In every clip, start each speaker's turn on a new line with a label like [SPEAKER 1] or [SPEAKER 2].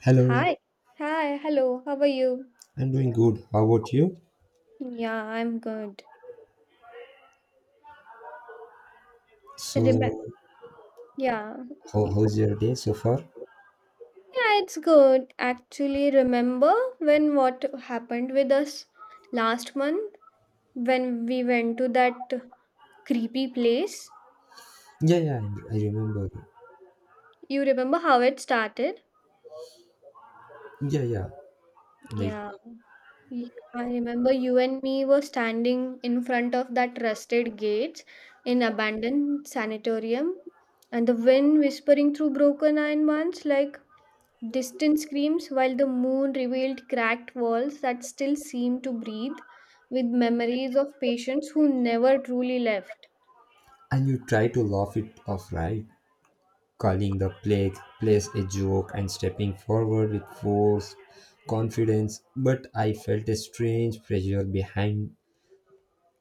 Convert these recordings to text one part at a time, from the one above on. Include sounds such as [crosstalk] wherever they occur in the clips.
[SPEAKER 1] Hello,
[SPEAKER 2] Hi. Hi. Hello. How are you?
[SPEAKER 1] I'm doing good. How about you?
[SPEAKER 2] Yeah, I'm good. Remember?
[SPEAKER 1] So,
[SPEAKER 2] Yeah.
[SPEAKER 1] how's your day so far?
[SPEAKER 2] Yeah, it's good. Actually, remember when what happened with us last month when we went to that creepy place?
[SPEAKER 1] Yeah, yeah, I remember.
[SPEAKER 2] You remember how it started?
[SPEAKER 1] Yeah, yeah. Like,
[SPEAKER 2] Yeah. I remember you and me were standing in front of that rusted gate in abandoned sanitarium, and the wind whispering through broken iron bands like distant screams, while the moon revealed cracked walls that still seemed to breathe, with memories of patients who never truly left.
[SPEAKER 1] and you try to laugh it off, right? Calling the plague place a joke and stepping forward with force, confidence. But I felt a strange pressure behind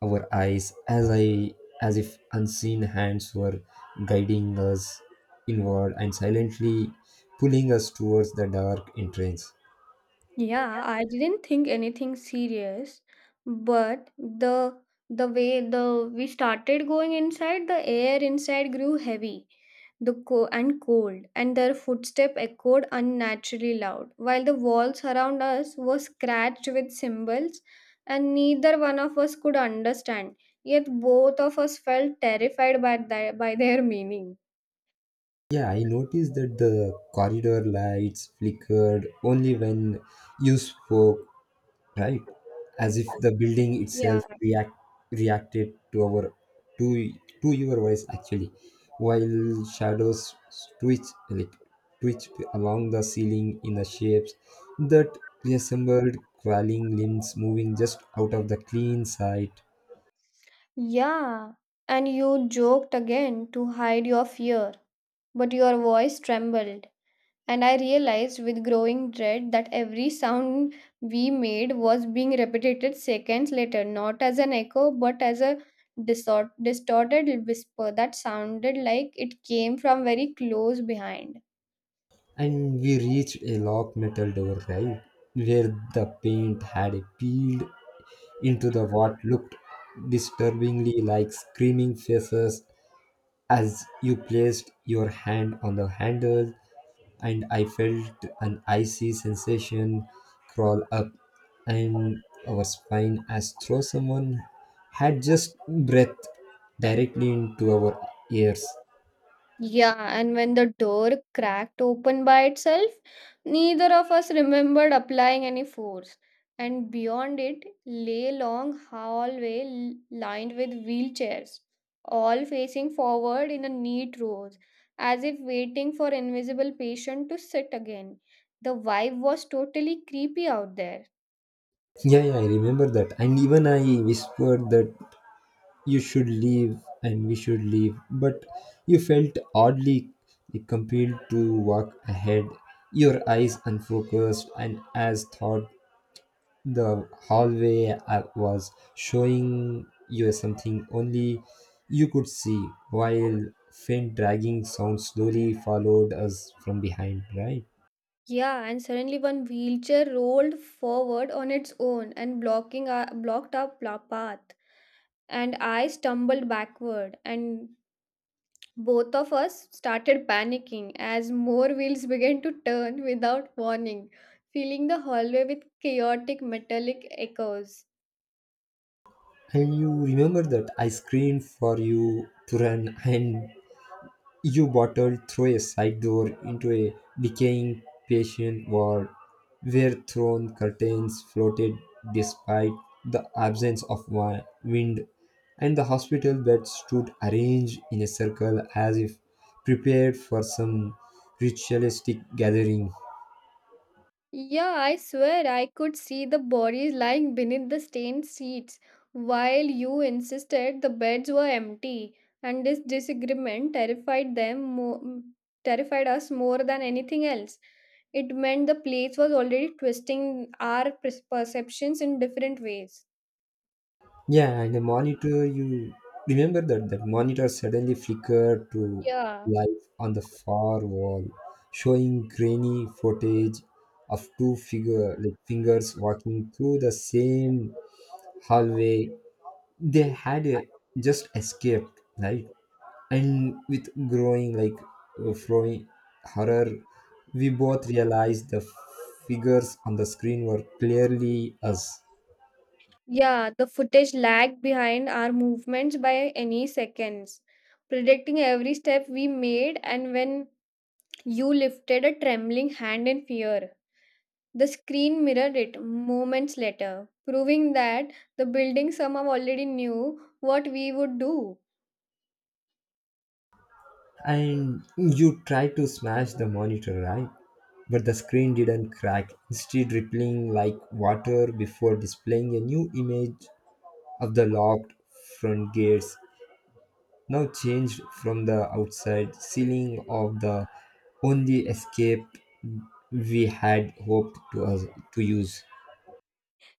[SPEAKER 1] our eyes, as if unseen hands were guiding us inward and silently pulling us towards the dark entrance.
[SPEAKER 2] Yeah, I didn't think anything serious, but the way the we started going inside, the air inside grew heavy and cold, and their footsteps echoed unnaturally loud, while the walls around us were scratched with symbols, and neither one of us could understand. Yet both of us felt terrified by their meaning.
[SPEAKER 1] Yeah, I noticed that the corridor lights flickered only when you spoke, right? As if the building itself
[SPEAKER 2] Yeah.
[SPEAKER 1] reacted to our to to your voice actually, while shadows twitch like twitched along the ceiling in the shapes that resembled crawling limbs moving just out of the clean sight.
[SPEAKER 2] Yeah. And you joked again to hide your fear, but your voice trembled, and I realized with growing dread that every sound we made was being repeated seconds later, not as an echo but as a distorted whisper that sounded like it came from very close behind.
[SPEAKER 1] And we reached a locked metal door, right? Where the paint had peeled into the what looked disturbingly like screaming faces as you placed your hand on the handle and I felt an icy sensation crawl up and our spine as though someone had just breathed directly into our ears.
[SPEAKER 2] Yeah, and when the door cracked open by itself, neither of us remembered applying any force. And beyond it lay long hallway lined with wheelchairs, all facing forward in a neat row, as if waiting for invisible patient to sit again. The vibe was totally creepy out there.
[SPEAKER 1] Yeah, yeah, I remember that. And even I whispered that you should leave and we should leave, but you felt oddly compelled to walk ahead, your eyes unfocused and as thought the hallway was showing you something only you could see, while faint dragging sounds slowly followed us from behind, right?
[SPEAKER 2] Yeah, and suddenly one wheelchair rolled forward on its own and blocked our path. And I stumbled backward, and both of us started panicking as more wheels began to turn without warning, filling the hallway with chaotic metallic echoes.
[SPEAKER 1] And you remember that I screamed for you to run [laughs] and you bottled through a side door into a decaying patient ward where thrown curtains floated despite the absence of wind, and the hospital beds stood arranged in a circle as if prepared for some ritualistic gathering.
[SPEAKER 2] Yeah, I swear I could see the bodies lying beneath the stained seats, while you insisted the beds were empty, and this disagreement terrified us more than anything else. It meant the plates was already twisting our perceptions in different ways.
[SPEAKER 1] Yeah, and the monitor, you remember that monitor suddenly flickered to
[SPEAKER 2] Yeah.
[SPEAKER 1] life on the far wall, showing grainy footage of two figure like fingers walking through the same hallway. They had just escaped, right? And with growing like flowing horror, we both realized the figures on the screen were clearly us.
[SPEAKER 2] Yeah, the footage lagged behind our movements by any seconds, predicting every step we made, and when you lifted a trembling hand in fear. The screen mirrored it moments later, proving that the building somehow already knew what we would do.
[SPEAKER 1] And you tried to smash the monitor, right? But the screen didn't crack, instead, rippling like water before displaying a new image of the locked front gates, now changed from the outside ceiling of the only escape we had hoped to use.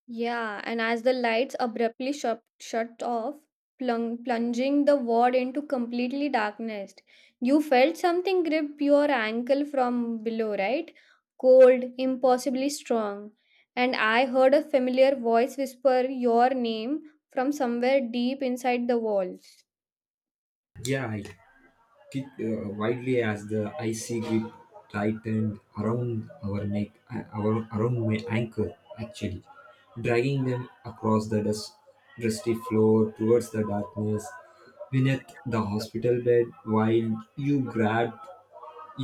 [SPEAKER 2] Yeah, and as the lights abruptly shut off, plunging the ward into completely darkness, you felt something grip your ankle from below, right? Cold, impossibly strong. And I heard a familiar voice whisper your name from somewhere deep inside the walls.
[SPEAKER 1] Yeah, I kicked wildly as the icy grip tightened around around my ankle, actually, dragging them across the dusty floor towards the darkness beneath the hospital bed while you grabbed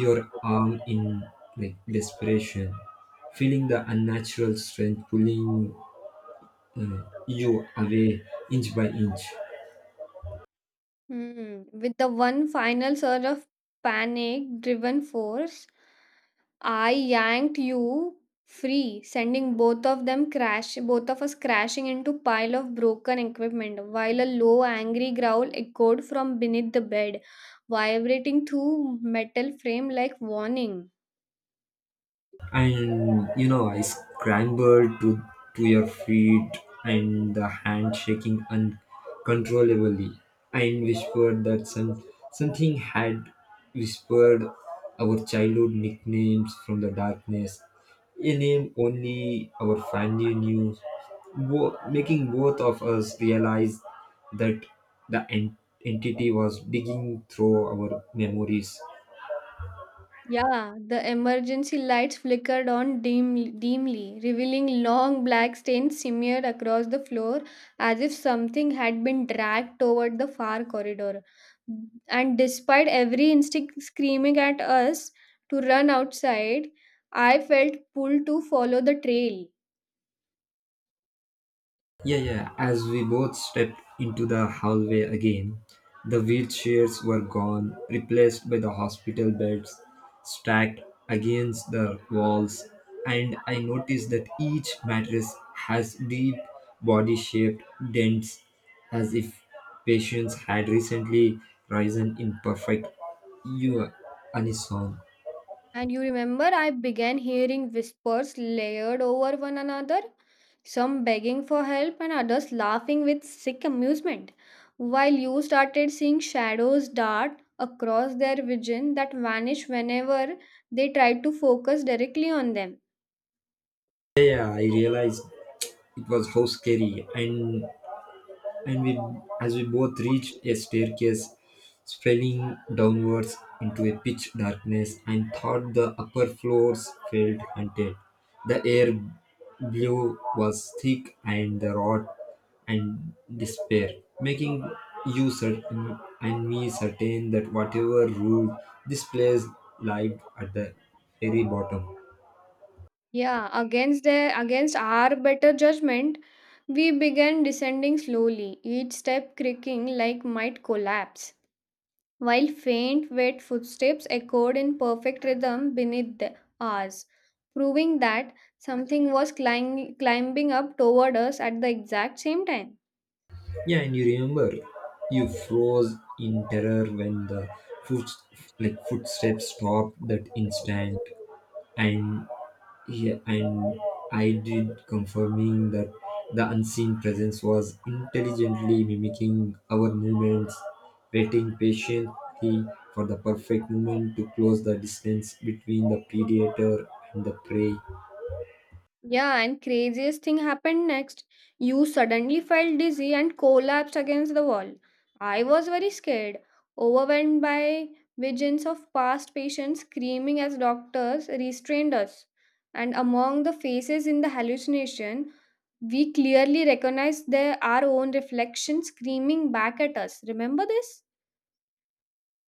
[SPEAKER 1] your arm in like desperation, feeling the unnatural strength pulling you away inch by inch.
[SPEAKER 2] Hmm. With the one final surge of panic driven force, I yanked you free, sending both of us crashing into pile of broken equipment, while a low angry growl echoed from beneath the bed, vibrating through metal frame like warning.
[SPEAKER 1] And you know, I scrambled to your feet and the hand shaking uncontrollably. I whispered that something had whispered our childhood nicknames from the darkness. A name only our family knew, making both of us realize that the entity was digging through our memories.
[SPEAKER 2] Yeah, the emergency lights flickered on dimly, revealing long black stains smeared across the floor as if something had been dragged toward the far corridor. And despite every instinct screaming at us to run outside, I felt pulled to follow the trail.
[SPEAKER 1] Yeah, yeah. As we both stepped into the hallway again, the wheelchairs were gone, replaced by the hospital beds stacked against the walls, and I noticed that each mattress has deep body shaped dents as if patients had recently risen in perfect u- unison.
[SPEAKER 2] And you remember, I began hearing whispers layered over one another, some begging for help and others laughing with sick amusement, while you started seeing shadows dart across their vision that vanish whenever they tried to focus directly on them.
[SPEAKER 1] Yeah, yeah, I realized it was how scary, and we as we both reached a staircase spelling downwards into a pitch darkness and thought the upper floors felt haunted. The air blew was thick and the rot and despair, making you certain and me certain that whatever ruled this place lied at the very bottom.
[SPEAKER 2] Yeah, against our better judgment, we began descending slowly, each step creaking like might collapse, while faint, wet footsteps echoed in perfect rhythm beneath the ours, proving that something was climbing up toward us at the exact same time.
[SPEAKER 1] Yeah, and you remember you froze in terror when the foot footsteps stopped that instant and, yeah, and I did, confirming that the unseen presence was intelligently mimicking our movements, waiting patiently for the perfect moment to close the distance between the predator and the prey.
[SPEAKER 2] Yeah, and craziest thing happened next. You suddenly felt dizzy and collapsed against the wall. I was very scared, overwhelmed by visions of past patients screaming as doctors restrained us. And among the faces in the hallucination, we clearly recognize our own reflection screaming back at us. Remember this?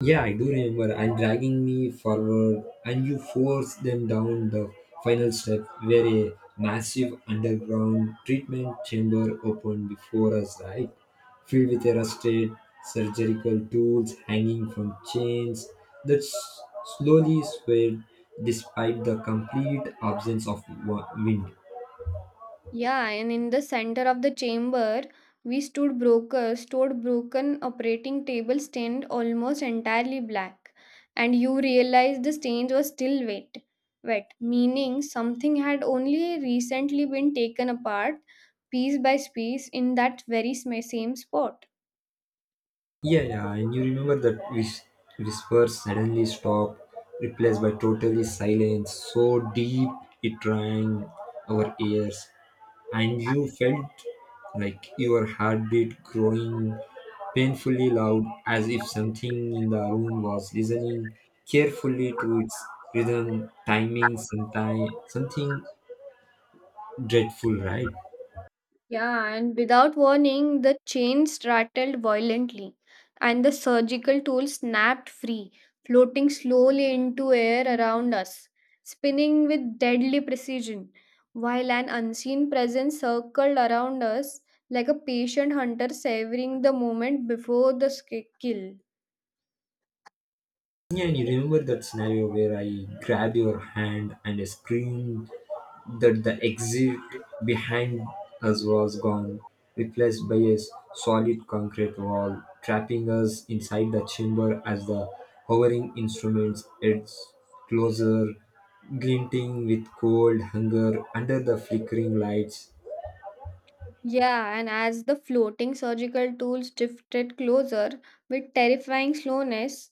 [SPEAKER 1] Yeah, I do remember. And dragging me forward, and you forced them down the final step where a massive underground treatment chamber opened before us, right? Filled with rusted surgical tools hanging from chains that slowly swayed despite the complete absence of wind.
[SPEAKER 2] Yeah, and in the center of the chamber, we stored broken operating table stained almost entirely black. And you realized the stains were still wet. Wet, meaning something had only recently been taken apart, piece by piece, in that very same spot.
[SPEAKER 1] Yeah, yeah, and you remember that whisper suddenly stopped, replaced by totally silence, so deep it rang our ears, and you felt like your heartbeat growing painfully loud as if something in the room was listening carefully to its rhythm, timing, sometime, something dreadful, right?
[SPEAKER 2] Yeah, and without warning, the chains rattled violently, and the surgical tool snapped free, floating slowly into air around us, spinning with deadly precision, while an unseen presence circled around us like a patient hunter savoring the moment before the kill.
[SPEAKER 1] Yeah, and you remember that scenario where I grabbed your hand and I screamed that the exit behind us was gone, replaced by a solid concrete wall, trapping us inside the chamber as the hovering instruments edged closer, glinting with cold hunger under the flickering lights.
[SPEAKER 2] Yeah, and as the floating surgical tools drifted closer with terrifying slowness,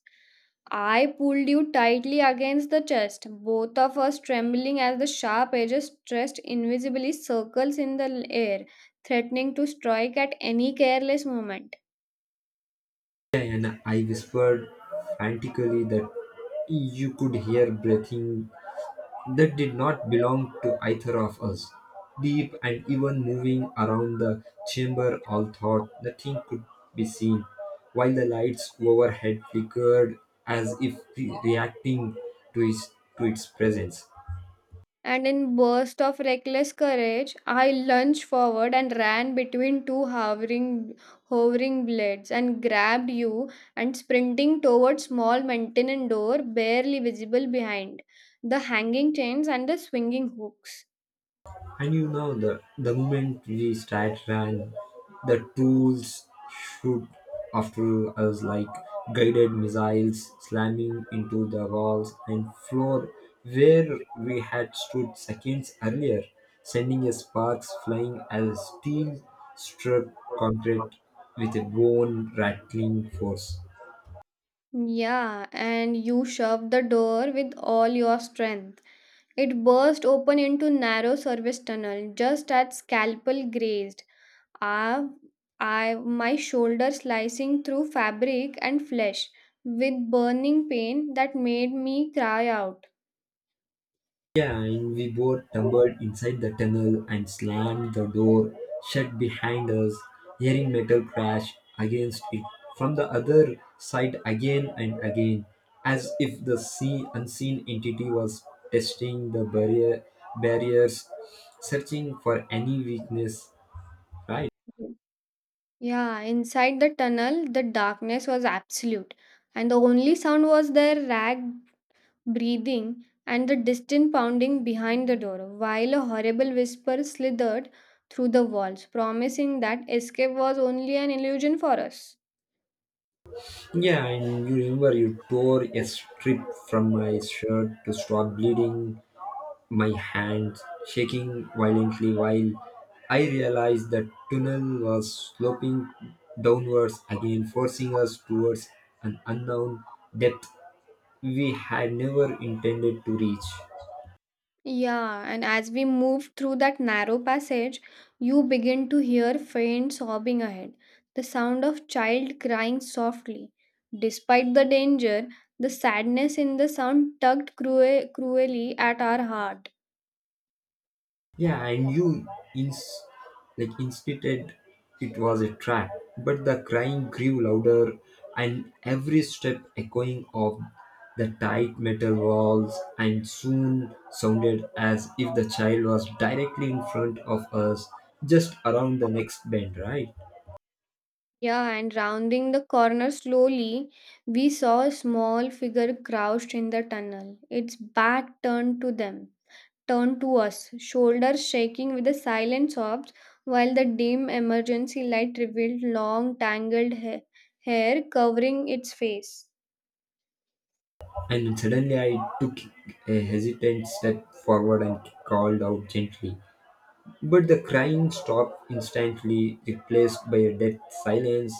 [SPEAKER 2] I pulled you tightly against the chest, both of us trembling as the sharp edges stretched invisibly circles in the air, threatening to strike at any careless moment.
[SPEAKER 1] And I whispered frantically that you could hear breathing that did not belong to either of us. Deep and even moving around the chamber, all thought nothing could be seen, while the lights overhead flickered as if reacting to to its presence.
[SPEAKER 2] And in burst of reckless courage, I lunged forward and ran between two hovering blades and grabbed you and sprinting toward small maintenance door barely visible behind the hanging chains and the swinging hooks.
[SPEAKER 1] And you know, the moment we start run, the tools shoot after us like guided missiles slamming into the walls and floor where we had stood seconds earlier, sending us sparks flying as steel struck concrete with a bone rattling force.
[SPEAKER 2] Yeah, and you shoved the door with all your strength. It burst open into narrow service tunnel just as scalpel grazed. Ah, I my shoulder slicing through fabric and flesh with burning pain that made me cry out.
[SPEAKER 1] Yeah, and we both tumbled inside the tunnel and slammed the door shut behind us, hearing metal crash against it from the other side again and again, as if the sea unseen entity was testing the barriers, searching for any weakness. Right?
[SPEAKER 2] Yeah, inside the tunnel, the darkness was absolute, and the only sound was their ragged breathing and the distant pounding behind the door, while a horrible whisper slithered through the walls, promising that escape was only an illusion for us.
[SPEAKER 1] Yeah, and you remember you tore a strip from my shirt to stop bleeding, my hands shaking violently while I realized the tunnel was sloping downwards again, forcing us towards an unknown depth we had never intended to reach.
[SPEAKER 2] Yeah, and as we move through that narrow passage, you begin to hear faint sobbing ahead, the sound of child crying softly. Despite the danger, the sadness in the sound tugged cruelly at our heart.
[SPEAKER 1] Yeah, and you ins- instead it was a trap, but the crying grew louder and every step echoing of the tight metal walls and soon sounded as if the child was directly in front of us just around the next bend, right?
[SPEAKER 2] Yeah, and rounding the corner slowly, we saw a small figure crouched in the tunnel, its back turned to them. Turned to us, shoulders shaking with the silent sobs, while the dim emergency light revealed long, tangled hair covering its face.
[SPEAKER 1] And suddenly I took a hesitant step forward and called out gently. But the crying stopped instantly, replaced by a dead silence,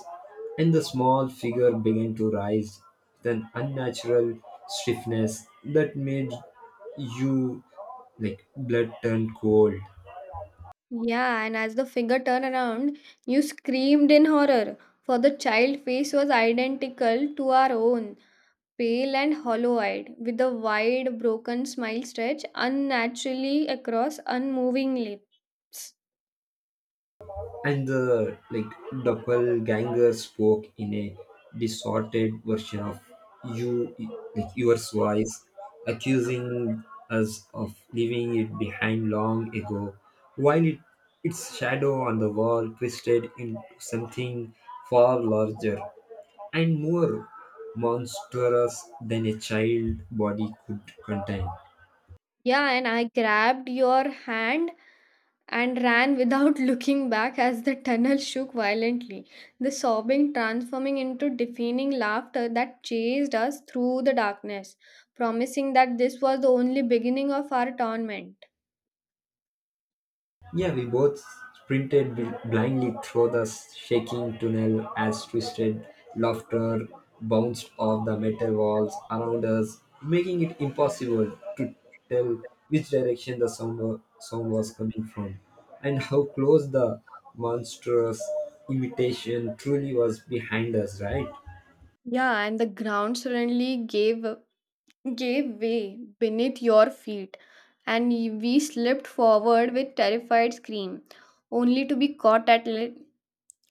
[SPEAKER 1] and the small figure began to rise with an unnatural stiffness that made you like blood turn cold.
[SPEAKER 2] Yeah, and as the figure turned around, you screamed in horror, for the child face was identical to our own, pale and hollow eyed, with a wide, broken smile stretched unnaturally across unmoving lips.
[SPEAKER 1] And the like doppelganger spoke in a distorted version of you like your voice accusing us of leaving it behind long ago while its shadow on the wall twisted into something far larger and more monstrous than a child body could contain.
[SPEAKER 2] Yeah, and I grabbed your hand and ran without [laughs] looking back as the tunnel shook violently, the sobbing transforming into deafening laughter that chased us through the darkness, promising that this was the only beginning of our torment.
[SPEAKER 1] Yeah, we both sprinted blindly through the shaking tunnel as twisted laughter bounced off the metal walls around us, making it impossible to tell which direction the sound was coming from and how close the monstrous imitation truly was behind us, right?
[SPEAKER 2] Yeah, and the ground suddenly gave way beneath your feet, and we slipped forward with terrified scream, only to be caught at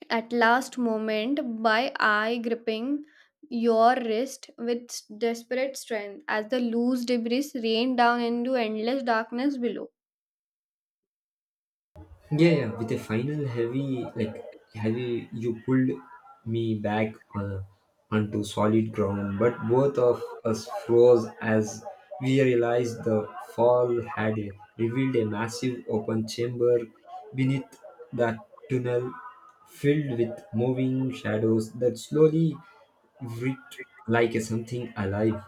[SPEAKER 2] last moment by I gripping your wrist with desperate strength as the loose debris rained down into endless darkness below.
[SPEAKER 1] Yeah, yeah. With a final heavy, you pulled me back onto solid ground. But both of us froze as we realized the fall had revealed a massive open chamber beneath that tunnel, filled with moving shadows that slowly writhed like a something alive.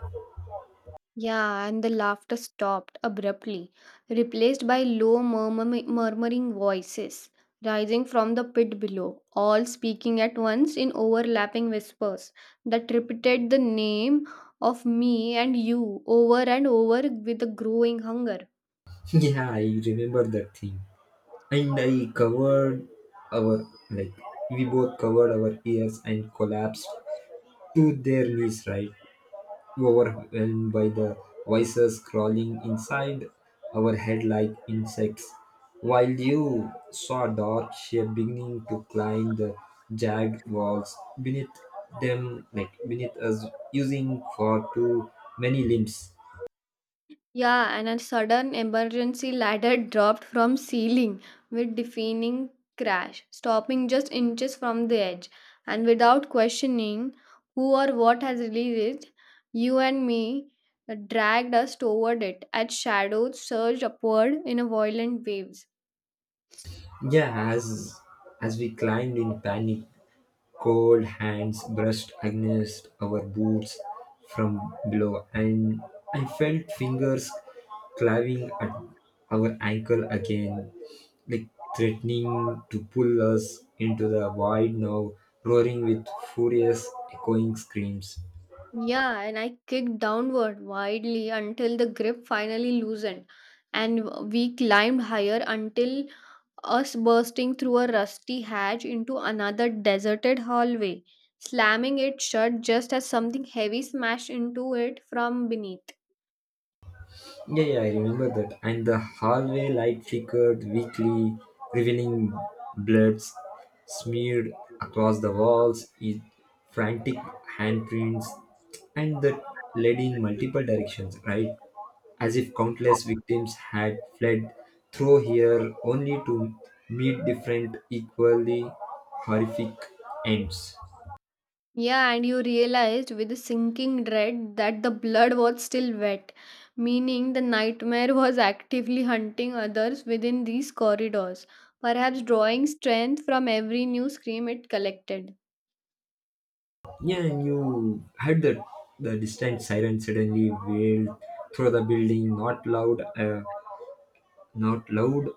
[SPEAKER 2] Yeah, and the laughter stopped abruptly, replaced by low murmuring voices rising from the pit below, all speaking at once in overlapping whispers that repeated the name of me and you over and over with a growing hunger.
[SPEAKER 1] [laughs] Yeah, I remember that thing. And I covered our like we both covered our ears and collapsed to their knees, right, overwhelmed by the voices crawling inside our head like insects, while you saw a dark shape beginning to climb the jagged walls beneath them like beneath us using for too many limbs.
[SPEAKER 2] Yeah, and a sudden emergency ladder [laughs] dropped from ceiling with deafening crash, stopping just inches from the edge. And without questioning who or what has released it, you and me dragged us toward it as shadows surged upward in a violent waves.
[SPEAKER 1] Yeah, as we climbed in panic, cold hands brushed against our boots from below, and I felt fingers clawing at our ankle again, like threatening to pull us into the void now, roaring with furious, echoing screams.
[SPEAKER 2] Yeah, and I kicked downward widely until the grip finally loosened, and we climbed higher until us bursting through a rusty hatch into another deserted hallway, slamming it shut just as something heavy smashed into it from beneath.
[SPEAKER 1] Yeah, yeah, I remember that. And the hallway light flickered weakly, revealing bloods smeared across the walls, frantic handprints, and that led in multiple directions, right? As if countless victims had fled through here only to meet different, equally horrific ends.
[SPEAKER 2] Yeah, and you realized with a sinking dread that the blood was still wet, meaning the nightmare [laughs] was actively hunting others within these corridors, perhaps drawing strength from every new scream it collected.
[SPEAKER 1] Yeah, and you heard that the distant siren suddenly wailed through the building, not loud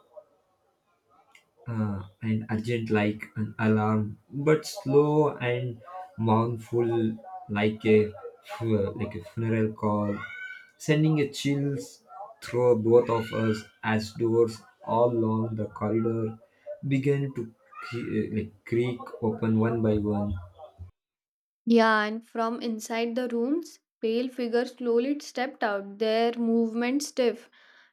[SPEAKER 1] and urgent like an alarm, but slow and mournful like a a funeral call, sending a chills through both of us as doors all along the corridor began to creak open one by one.
[SPEAKER 2] Yeah, and from inside the rooms, pale figures slowly stepped out, their movement stiff,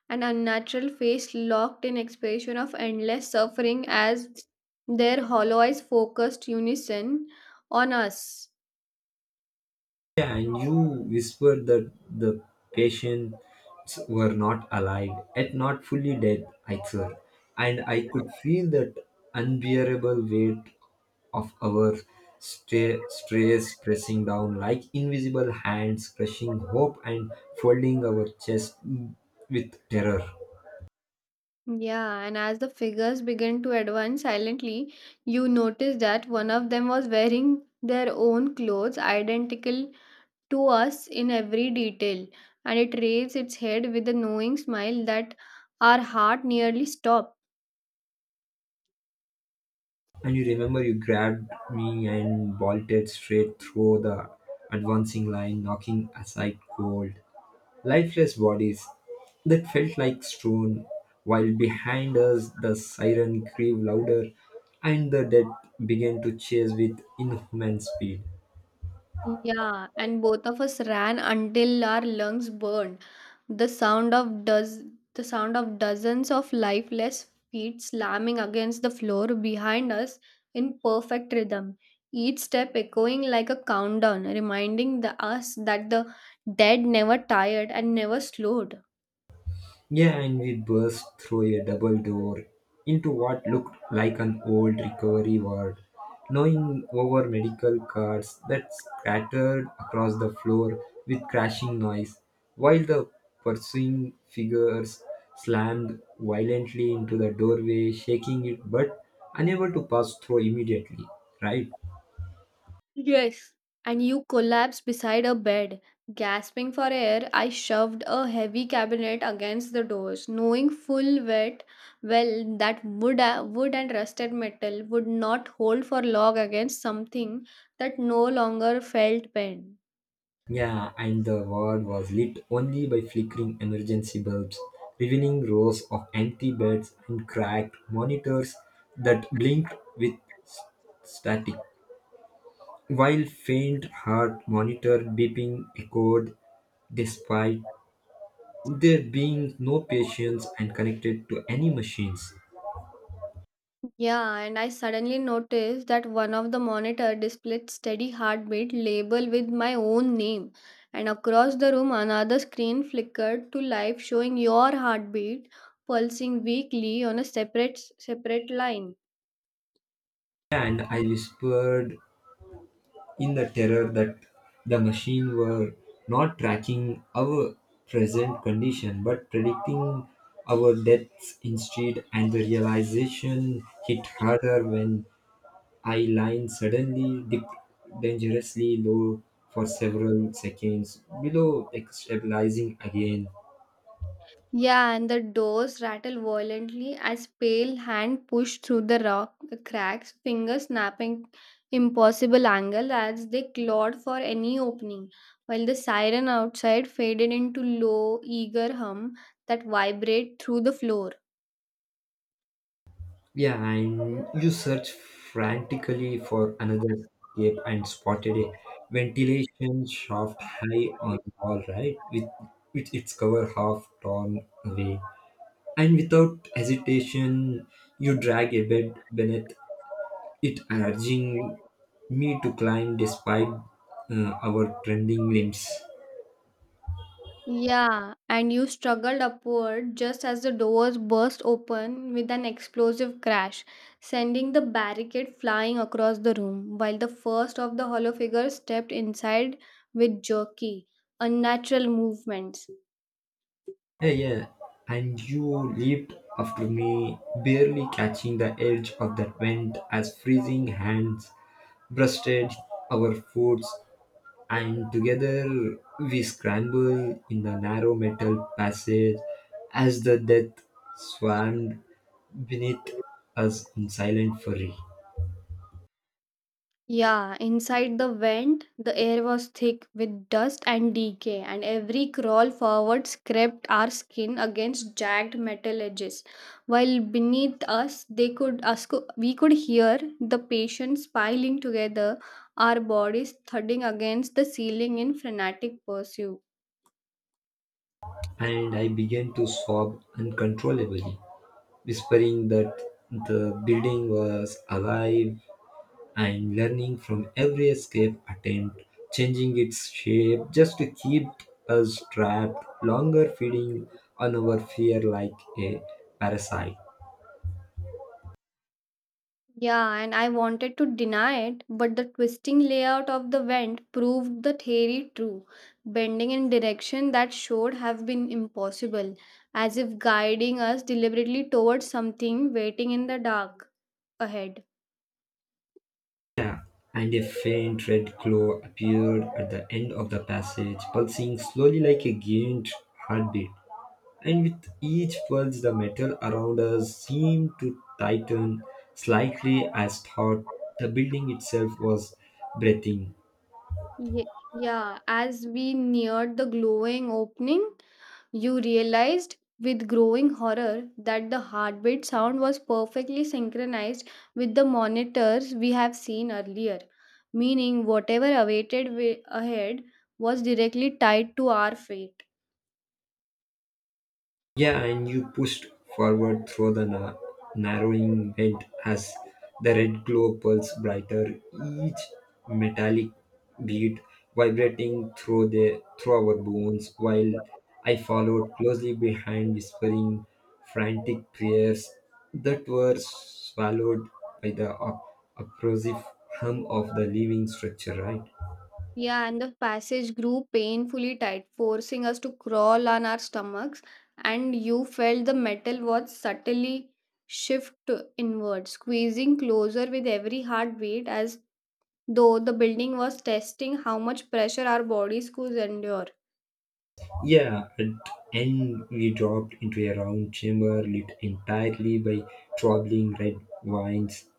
[SPEAKER 2] an unnatural face locked in expression of endless suffering as their hollow eyes focused unison on us.
[SPEAKER 1] Yeah, and you whispered that the patients were not alive, yet not fully dead either. And I could feel that unbearable weight of our stress pressing down like invisible hands, crushing hope and folding our chest with terror.
[SPEAKER 2] Yeah, and as the figures began to advance silently, you noticed that one of them was wearing their own clothes, identical to us in every detail, and it raised its head with a knowing smile that our heart nearly stopped.
[SPEAKER 1] And you remember you grabbed me and bolted straight through the advancing line, knocking aside cold, lifeless bodies that felt like stone, while behind us the siren grieved louder and the dead began to chase with inhuman speed.
[SPEAKER 2] Yeah, and both of us ran until our lungs burned. The sound of does the sound of dozens of lifeless feet slamming against the floor behind us in perfect rhythm, each step echoing like a countdown, reminding us that the dead never tired and never slowed.
[SPEAKER 1] Yeah, and we burst through a double door into what looked like an old recovery ward, knowing over medical cards that scattered across the floor with crashing noise, while the pursuing figures slammed violently into the doorway, shaking it but unable to pass through immediately, right?
[SPEAKER 2] Yes. And you collapsed beside a bed. Gasping for air, I shoved a heavy cabinet against the doors, knowing full wet well that wood and rusted metal would not hold for long against something that no longer felt pain.
[SPEAKER 1] Yeah, and the ward was lit only by flickering emergency bulbs, revealing rows of empty beds and cracked monitors that blinked with s- static, while faint heart monitor beeping echoed despite there being no patients and connected to any machines.
[SPEAKER 2] Yeah, and I suddenly noticed that one of the monitor displayed steady heartbeat label with my own name. And across the room another screen flickered to life showing your heartbeat pulsing weakly on a separate line.
[SPEAKER 1] And I whispered in the terror that the machine were not tracking our present condition but predicting our deaths instead, and the realization hit harder when I line suddenly dipped dangerously low for several seconds below like, stabilizing again.
[SPEAKER 2] Yeah, and the doors rattle violently as pale hand pushed through the rock cracks, fingers snapping impossible angle as they clawed for any opening, while the siren outside faded into low, eager hum that vibrate through the floor.
[SPEAKER 1] Yeah, and you search frantically for another escape and spotted a ventilation shaft high on the wall, right? With its cover half torn away. And without hesitation, you drag a bed beneath it, urging me to climb despite our trembling limbs.
[SPEAKER 2] Yeah, and you struggled upward just as the doors burst open with an explosive crash, sending the barricade flying across the room, while the first of the hollow figures stepped inside with jerky, unnatural movements.
[SPEAKER 1] Yeah, yeah. And you leaped after me, barely catching the edge of that vent as freezing hands brushed our foots, and together we scrambled in the narrow metal passage as the death swarmed beneath us in silent fury.
[SPEAKER 2] Yeah, inside the vent, the air was thick with dust and decay, and every crawl forward scraped our skin against jagged metal edges. While beneath us, they could us co- we could hear the patients piling together, our bodies thudding against the ceiling in frenetic pursuit.
[SPEAKER 1] And I began to sob uncontrollably, whispering that the building was alive and learning from every escape attempt, changing its shape just to keep us trapped longer, feeding on our fear like a parasite.
[SPEAKER 2] Yeah, and I wanted to deny it, but the twisting layout of the vent proved the theory true, bending in direction that should have been impossible, as if guiding us deliberately towards something waiting in the dark ahead.
[SPEAKER 1] Yeah, and a faint red glow appeared at the end of the passage, pulsing slowly like a giant heartbeat. And with each pulse, the metal around us seemed to tighten slightly as thought the building itself was breathing.
[SPEAKER 2] Yeah, as we neared the glowing opening, you realized with growing horror that the heartbeat sound was perfectly synchronized with the monitors we have seen earlier, meaning whatever awaited ahead was directly tied to our fate.
[SPEAKER 1] Yeah, and you pushed forward through the narrowing vent as the red glow pulsed brighter, each metallic beat vibrating through the through our bones while I followed closely behind whispering frantic prayers that were swallowed by the oppressive hum of the living structure, right?
[SPEAKER 2] Yeah, and the passage grew painfully tight, forcing us to crawl on our stomachs, and you felt the metal was subtly shift inward, squeezing closer with every heartbeat as though the building was testing how much pressure our bodies could endure.
[SPEAKER 1] Yeah, and end we dropped into a round chamber lit entirely by traveling red vines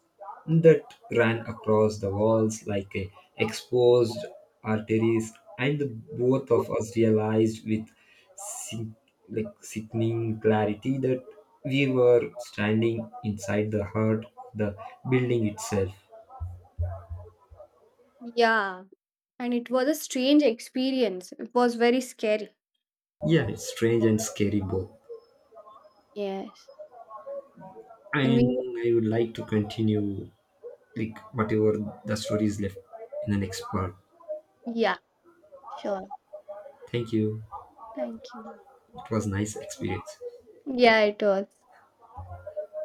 [SPEAKER 1] that ran across the walls like a exposed arteries, and the both of us realized with sin- sickening clarity that we were standing inside the heart of the building itself.
[SPEAKER 2] Yeah, and it was a strange experience. It was very scary.
[SPEAKER 1] Yeah, it's strange and scary both.
[SPEAKER 2] Yes. And
[SPEAKER 1] And
[SPEAKER 2] we,
[SPEAKER 1] I would like to continue like whatever the story is left in the next part.
[SPEAKER 2] yeah, sure.
[SPEAKER 1] Thank you.
[SPEAKER 2] Thank you.
[SPEAKER 1] It was nice experience.
[SPEAKER 2] Yeah, it was.